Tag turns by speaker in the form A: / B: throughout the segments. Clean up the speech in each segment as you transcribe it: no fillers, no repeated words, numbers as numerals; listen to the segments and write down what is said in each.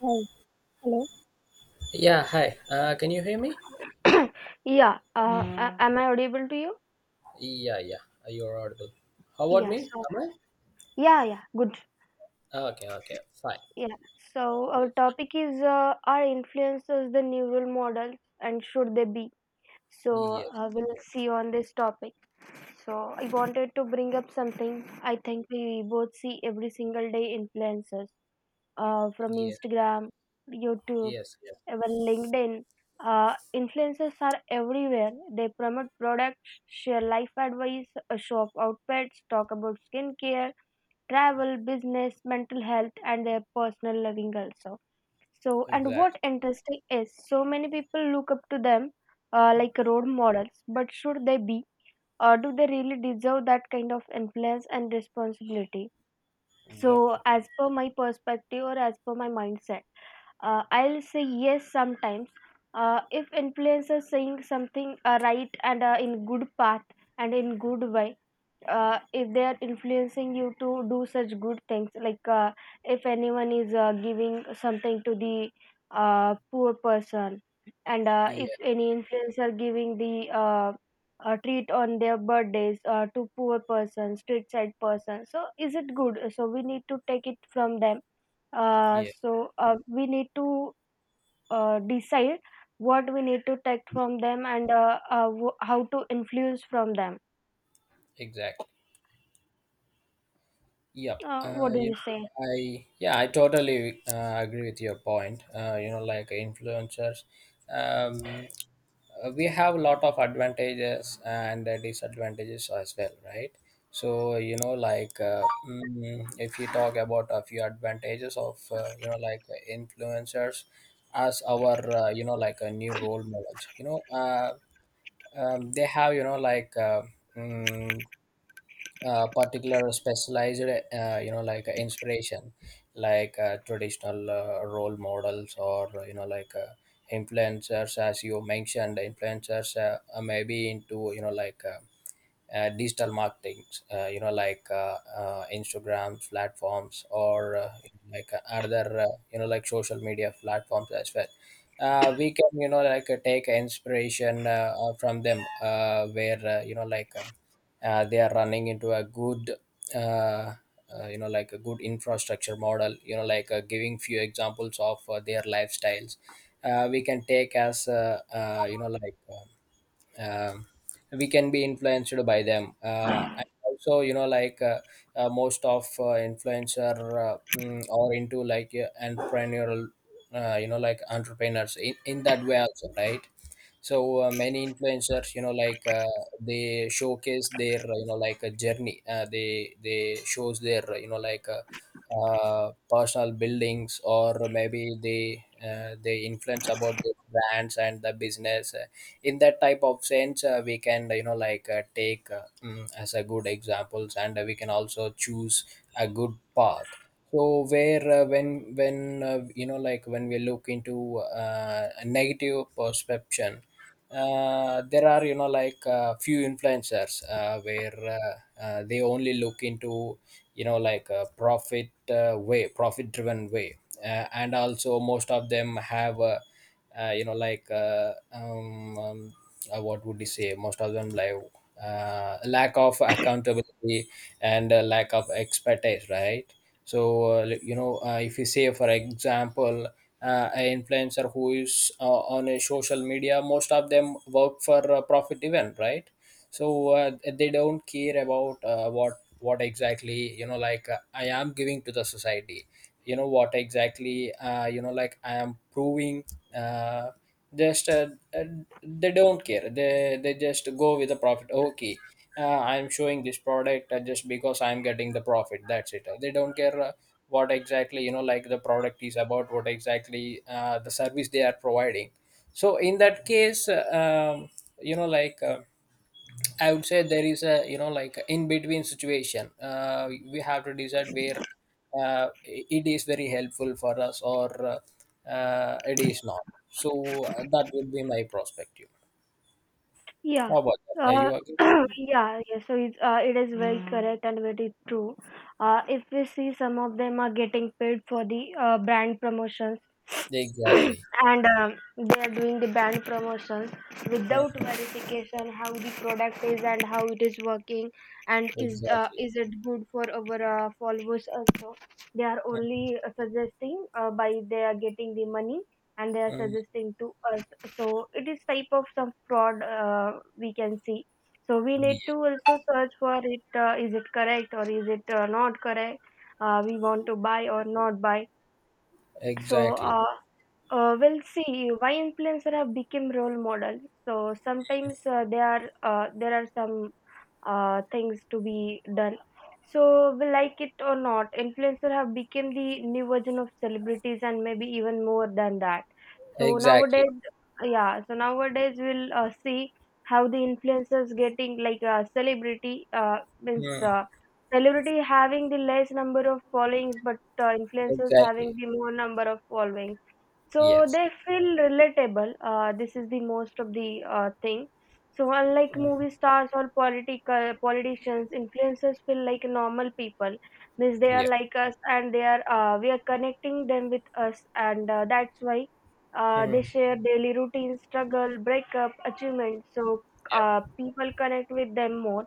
A: Hi. Hello.
B: Yeah, hi. Can you hear me?
A: Yeah. Yeah. Am I audible to you?
B: Yeah, yeah. You're audible. How about
A: Yeah.
B: me?
A: So,
B: Am
A: yeah, yeah. Good.
B: I? Okay, okay, fine.
A: Yeah. So, our topic is are influencers the new role models and should they be? So,
B: Yes,
A: we'll
B: exactly.
A: see on this topic. So, I wanted to bring up something I think we both see every single day influencers from
B: Yes,
A: Instagram, YouTube,
B: yes, yes.
A: well, LinkedIn, influencers are everywhere. They promote products, share life advice, show off outfits, talk about skincare, travel, business, mental health, and their personal living also. So, and what
B: Exactly,
A: interesting is, so many people look up to them like role models, but should they be, or do they really deserve that kind of influence and responsibility? So
B: exactly.
A: as per my perspective or as per my mindset, I'll say yes, sometimes if influencers saying something right and in good path and in good way. If they are influencing you to do such good things, like, if anyone is giving something to the poor person, and if
B: Yeah,
A: any influencer giving the treat on their birthdays to poor persons, street side persons. So is it good? So we need to take it from them. Uh,
B: yeah,
A: so uh, we need to decide what we need to take from them, and how to influence from them.
B: exactly. Yep. Uh,
A: What do
B: you
A: you
B: know,
A: say?
B: I yeah, I totally agree with your point. Like influencers. Um, we have a lot of advantages and disadvantages as well, right? So if you talk about a few advantages of influencers as our a new role models, they have mm, particular specialized inspiration, like traditional role models, or influencers. As you mentioned, influencers maybe into digital marketing, instagram platforms or like other social media platforms as well. We can take inspiration from them, where they are running into a good uh, a good infrastructure model. Giving few examples of their lifestyles, we can take as um, we can be influenced by them. And also, most of influencer are into like entrepreneurial, entrepreneurs in that way also, right? So many influencers, they showcase their a journey. They shows their personal buildings, or maybe they influence about the brands and the business. In that type of sense, we can take as a good examples, and we can also choose a good path. So where when you know like when we look into a negative perception, there are few influencers where they only look into a profit, way profit driven way. And also, most of them have a uh, you know like uh, um, um, what would you say, most of them, like lack of accountability and lack of expertise, right? So if you say for example, an influencer who is on a social media, most of them work for a profit event, right? So they don't care about what exactly, I am giving to the society. You know what exactly, I am proving, uh, just uh, they don't care. They just go with the profit. Okay, I'm showing this product just because I'm getting the profit. That's it. They don't care what exactly, the product is about, what exactly the service they are providing. So in that case, you know like uh, I would say there is a, in between situation. We have to decide where it is very helpful for us, or it is not. So that would be my perspective.
A: Yeah.
B: How about that? Are
A: Uh,
B: you agree?
A: yeah, yeah, so it's, it is very, mhm, correct and very true. If we see, some of them are getting paid for the brand promotions,
B: Exactly.
A: and they are doing the brand promotions without
B: Mhm.
A: verification, how the product is and how it is working, and is,
B: Exactly.
A: is it good for our followers also? They are
B: Mm.
A: only suggesting by they are getting the money, and they are
B: Mm,
A: suggesting to us. So it is type of some fraud we can see. So we need
B: yeah,
A: to also search for it, is it correct or is it not correct, we want to buy or not buy. so
B: exactly.
A: uh, uh, well, see, why influencer have become role models. So sometimes they are there are some things to be done. So, we like it or not, influencer have become the new version of celebrities and maybe even more than that. So
B: Exactly.
A: nowadays, yeah. So nowadays we'll see how the influencers getting like a celebrity. Means
B: Mm.
A: Celebrity having the less number of followings, but influencers
B: Exactly.
A: having the more number of followings, so
B: Yes.
A: they feel relatable. This is the most of the thing. So unlike
B: Mhm.
A: movie stars or political politicians, influencers feel like normal people. Means they are
B: Yeah.
A: like us, and they are we are connecting them with us, and that's why they
B: Mm.
A: share daily routines, struggle, breakup, achievements. So
B: Yeah.
A: people connect with them more,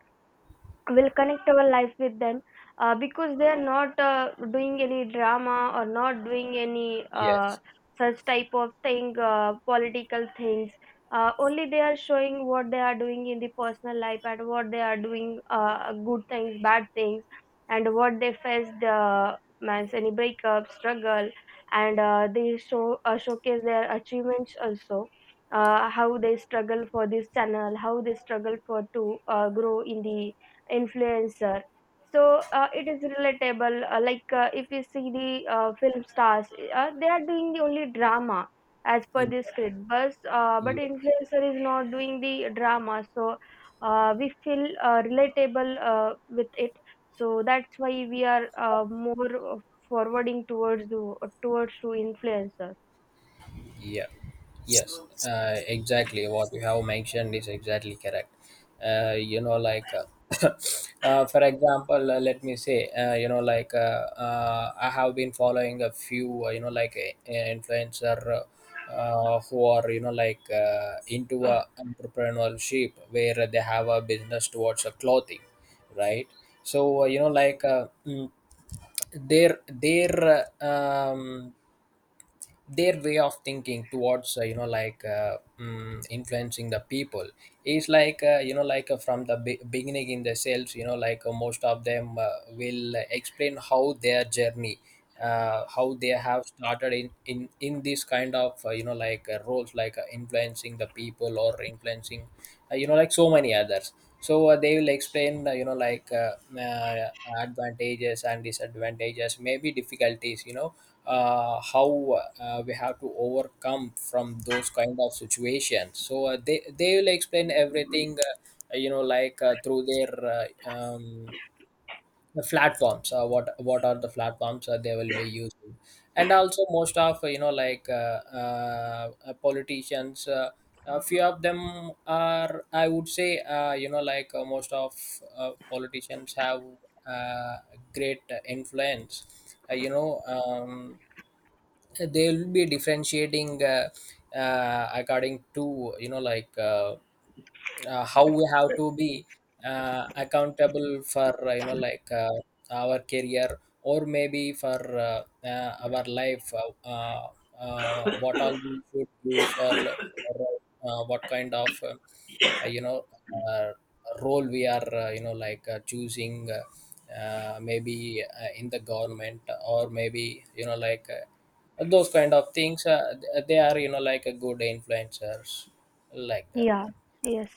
A: will connect our life with them, because they are not doing any drama or not doing any
B: Yes.
A: such type of thing, political things. Only they are showing what they are doing in the personal life, and what they are doing, good things, bad things, and what they faced, means any breakup, struggle, and they show, showcase their achievements also, how they struggle for this channel, how they struggle for to grow in the influencer. So it is relatable, if you see the film stars, they are doing the only drama as per
B: Yeah.
A: the script, but
B: Yeah.
A: influencer is not doing the drama, so we feel relatable with it. So that's why we are more forwarding towards the, towards to influencers.
B: Yeah, yes, exactly. What you have mentioned is exactly correct. Uh, you know, like, uh, for example, let me say, I have been following a few, influencer who are, into a entrepreneurship, where they have a business towards a clothing, right? So, you know, like, mm, their their uh, um, their way of thinking towards influencing the people is like from the beginning in themselves. Most of them will explain how their journey, how they have started in this kind of roles, like influencing the people or influencing so many others. So they will explain uh, advantages and disadvantages, maybe difficulties, you know, how we have to overcome from those kind of situations. So they will explain everything through their uh, um, the platforms. What are the platforms they will be using? And also, most of, politicians, a few of them are, I would say, most of politicians have uh, great influence. uh, you know um, they will be differentiating according to, how we have to be accountable for our career, or maybe for our life. What all we should use all, or what kind of you know uh, role we are choosing, maybe in the government, or maybe those kind of things. They are a good influencers, like that.
A: Yeah, yes.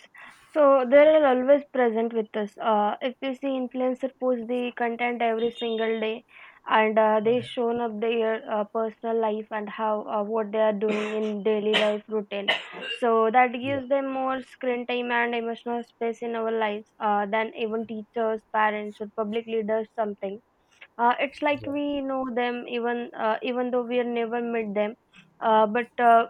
A: So they are always present with us. If you see, influencer post the content every single day, and they shown up their personal life, and how, what they are doing in daily life routine. So that gives them more screen time and emotional space in our lives than even teachers, parents, or public leaders something. It's like
B: Yeah.
A: we know them, even though we have never met them, but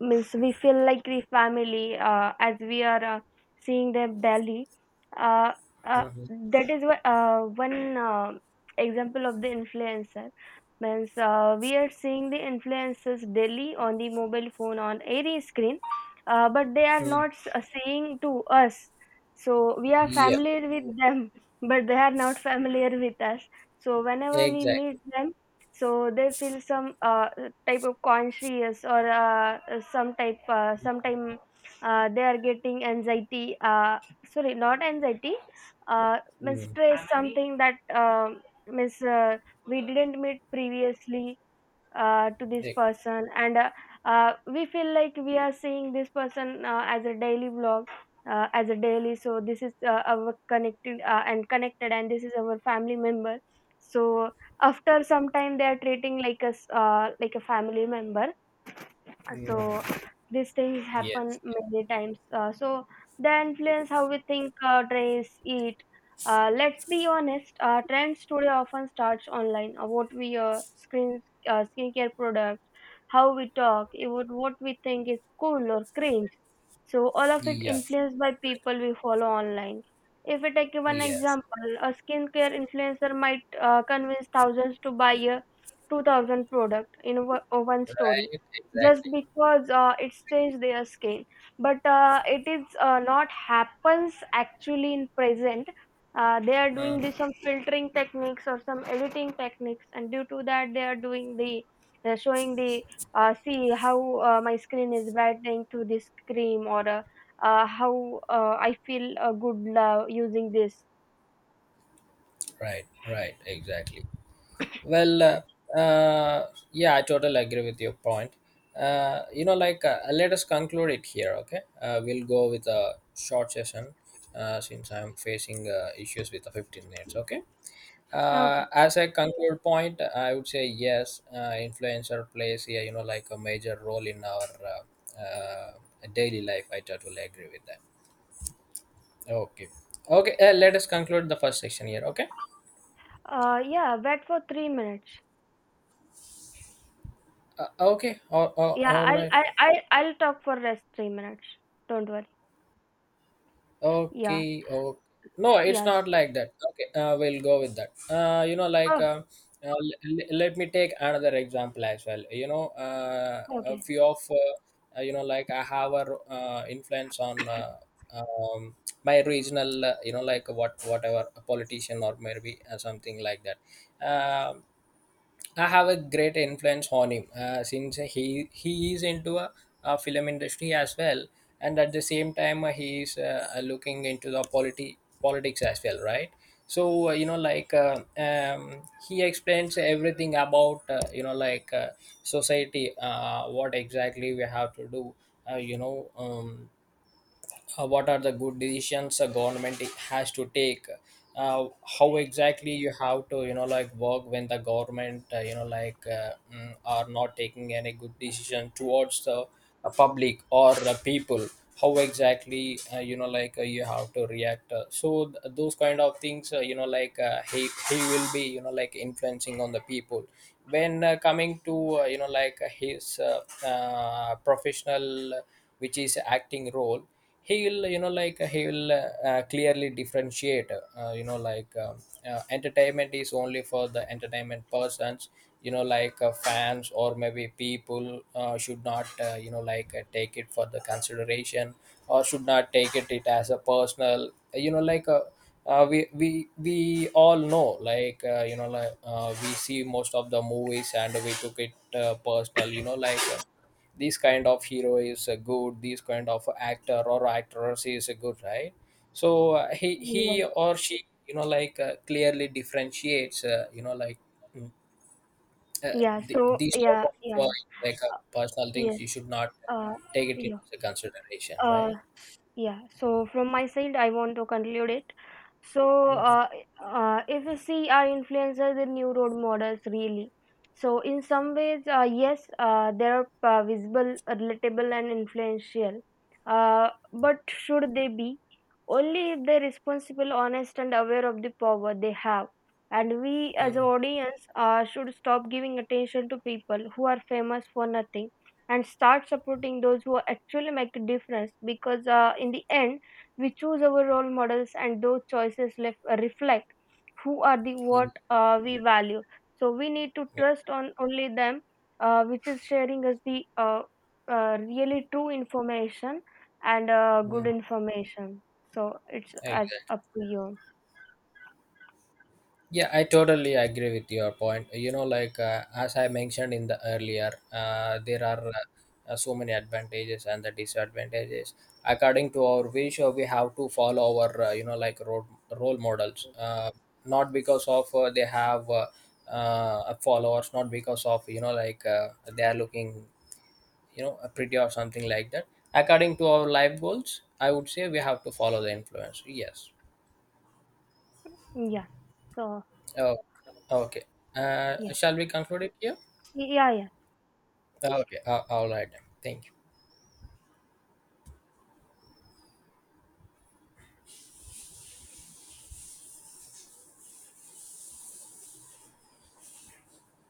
A: means we feel like we family as we are seeing them daily. Uh, uh,
B: Mm-hmm.
A: that is why, one example of the influencer. Means we are seeing the influencers daily on the mobile phone on every screen, but they are
B: Mm.
A: not saying to us. So we are
B: Yeah.
A: familiar with them, but they are not familiar with us. So whenever we
B: Exactly.
A: meet them, so they feel some type of conscious, or some type sometime they are getting anxiety. Sorry, not anxiety. Means
B: Mm.
A: stress, something that, means we didn't meet previously to this
B: Ex-
A: person, and we feel like we are seeing this person as a daily vlog, as a daily so this is our connected, and this is our family member. So after some time they are treating like us like a family member. So
B: mm.
A: these things happen
B: Yes.
A: many times, so they influence how we think, dress, eat. Let's be honest, trends today often starts online, what we screen, skincare products, how we talk, even what we think is cool or cringe. So all of it
B: Yeah.
A: influenced by people we follow online. If we take one
B: Yes.
A: example, a skincare influencer might convince thousands to buy a 2000 product in one story,
B: Right.
A: just
B: Exactly.
A: because it stains their skin, but it is not happens actually in present. They are doing
B: Mm.
A: the, some filtering techniques or some editing techniques, and due to that they are doing the, they're showing the, see how my skin is brightening to this cream, or how I feel good using this.
B: Right. Right. Exactly. Well, uh, yeah, I totally agree with your point. Let us conclude it here, okay? We'll go with a short session since I'm facing issues with the 15 minutes, okay?
A: Okay.
B: As a conclude point, I would say yes, influencer plays here, a major role in our uh, uh, daily life. I totally agree with that. Okay. Okay, let us conclude the first section here, okay?
A: Yeah, wait for 3 minutes.
B: Okay,
A: yeah
B: all
A: i'll
B: right.
A: I, I, i'll talk for rest 3 minutes, don't worry. Yeah.
B: Okay, oh no, it's
A: Yes.
B: not like that. Okay, we'll go with that.
A: Oh,
B: Let me take another example as well. You know, a
A: okay.
B: few of I have a influence on um, my regional, what whatever a politician, or maybe something like that. Um, I have a great influence on him since he is into a film industry as well, and at the same time he is looking into the polity politics as well, right? So he explains everything about society, what exactly we have to do, uh, you know. Um, what are the good decisions a government has to take, uh, how exactly you have to, work when the government, are not taking any good decision towards the public or the people. How exactly, you have to react, so those kind of things, he will be, influencing on the people. When coming to his professional, which is acting role, he will clearly differentiate, entertainment is only for the entertainment persons. Fans, or maybe people should not take it for the consideration, or should not take it as a personal, you know like we all know, we see most of the movies and we took it personal. This kind of hero is a good, this kind of actor or actress is a good, right? So uh, he
A: Yes.
B: he or she, clearly differentiates, mm, uh,
A: Yeah. So
B: these type
A: yeah. Yeah.
B: of uh,
A: Uh,
B: personal things,
A: yes.
B: you should not
A: Uh.
B: take it
A: Yeah.
B: into consideration,
A: Uh,
B: right?
A: yeah, so from my side, I want to conclude it. So,
B: Mm-hmm.
A: if we see our influencers in new role models, really. So, in some ways, yes, they are visible, relatable, and influential. But should they be? Only if they're responsible, honest, and aware of the power they have. And we, as an
B: Mm.
A: audience, should stop giving attention to people who are famous for nothing, and start supporting those who actually make a difference, because in the end we choose our role models, and those choices reflect who are the
B: Mm.
A: what we value. So we need to trust on only them, which is sharing us the really true information and good
B: Mm.
A: information. So it's
B: I,
A: as up to you.
B: yeah, I totally agree with your point. You know, like as I mentioned in the earlier, there are so many advantages and the disadvantages. According to our wish, we have to follow our role models. Not because of they have followers, not because of, they are looking, you know, pretty or something like that. According to our life goals, I would say we have to follow the influence. Yes.
A: Yeah. So
B: Oh, okay.
A: yeah,
B: Shall we conclude it here?
A: yeah, yeah.
B: Okay, all right. Thank you.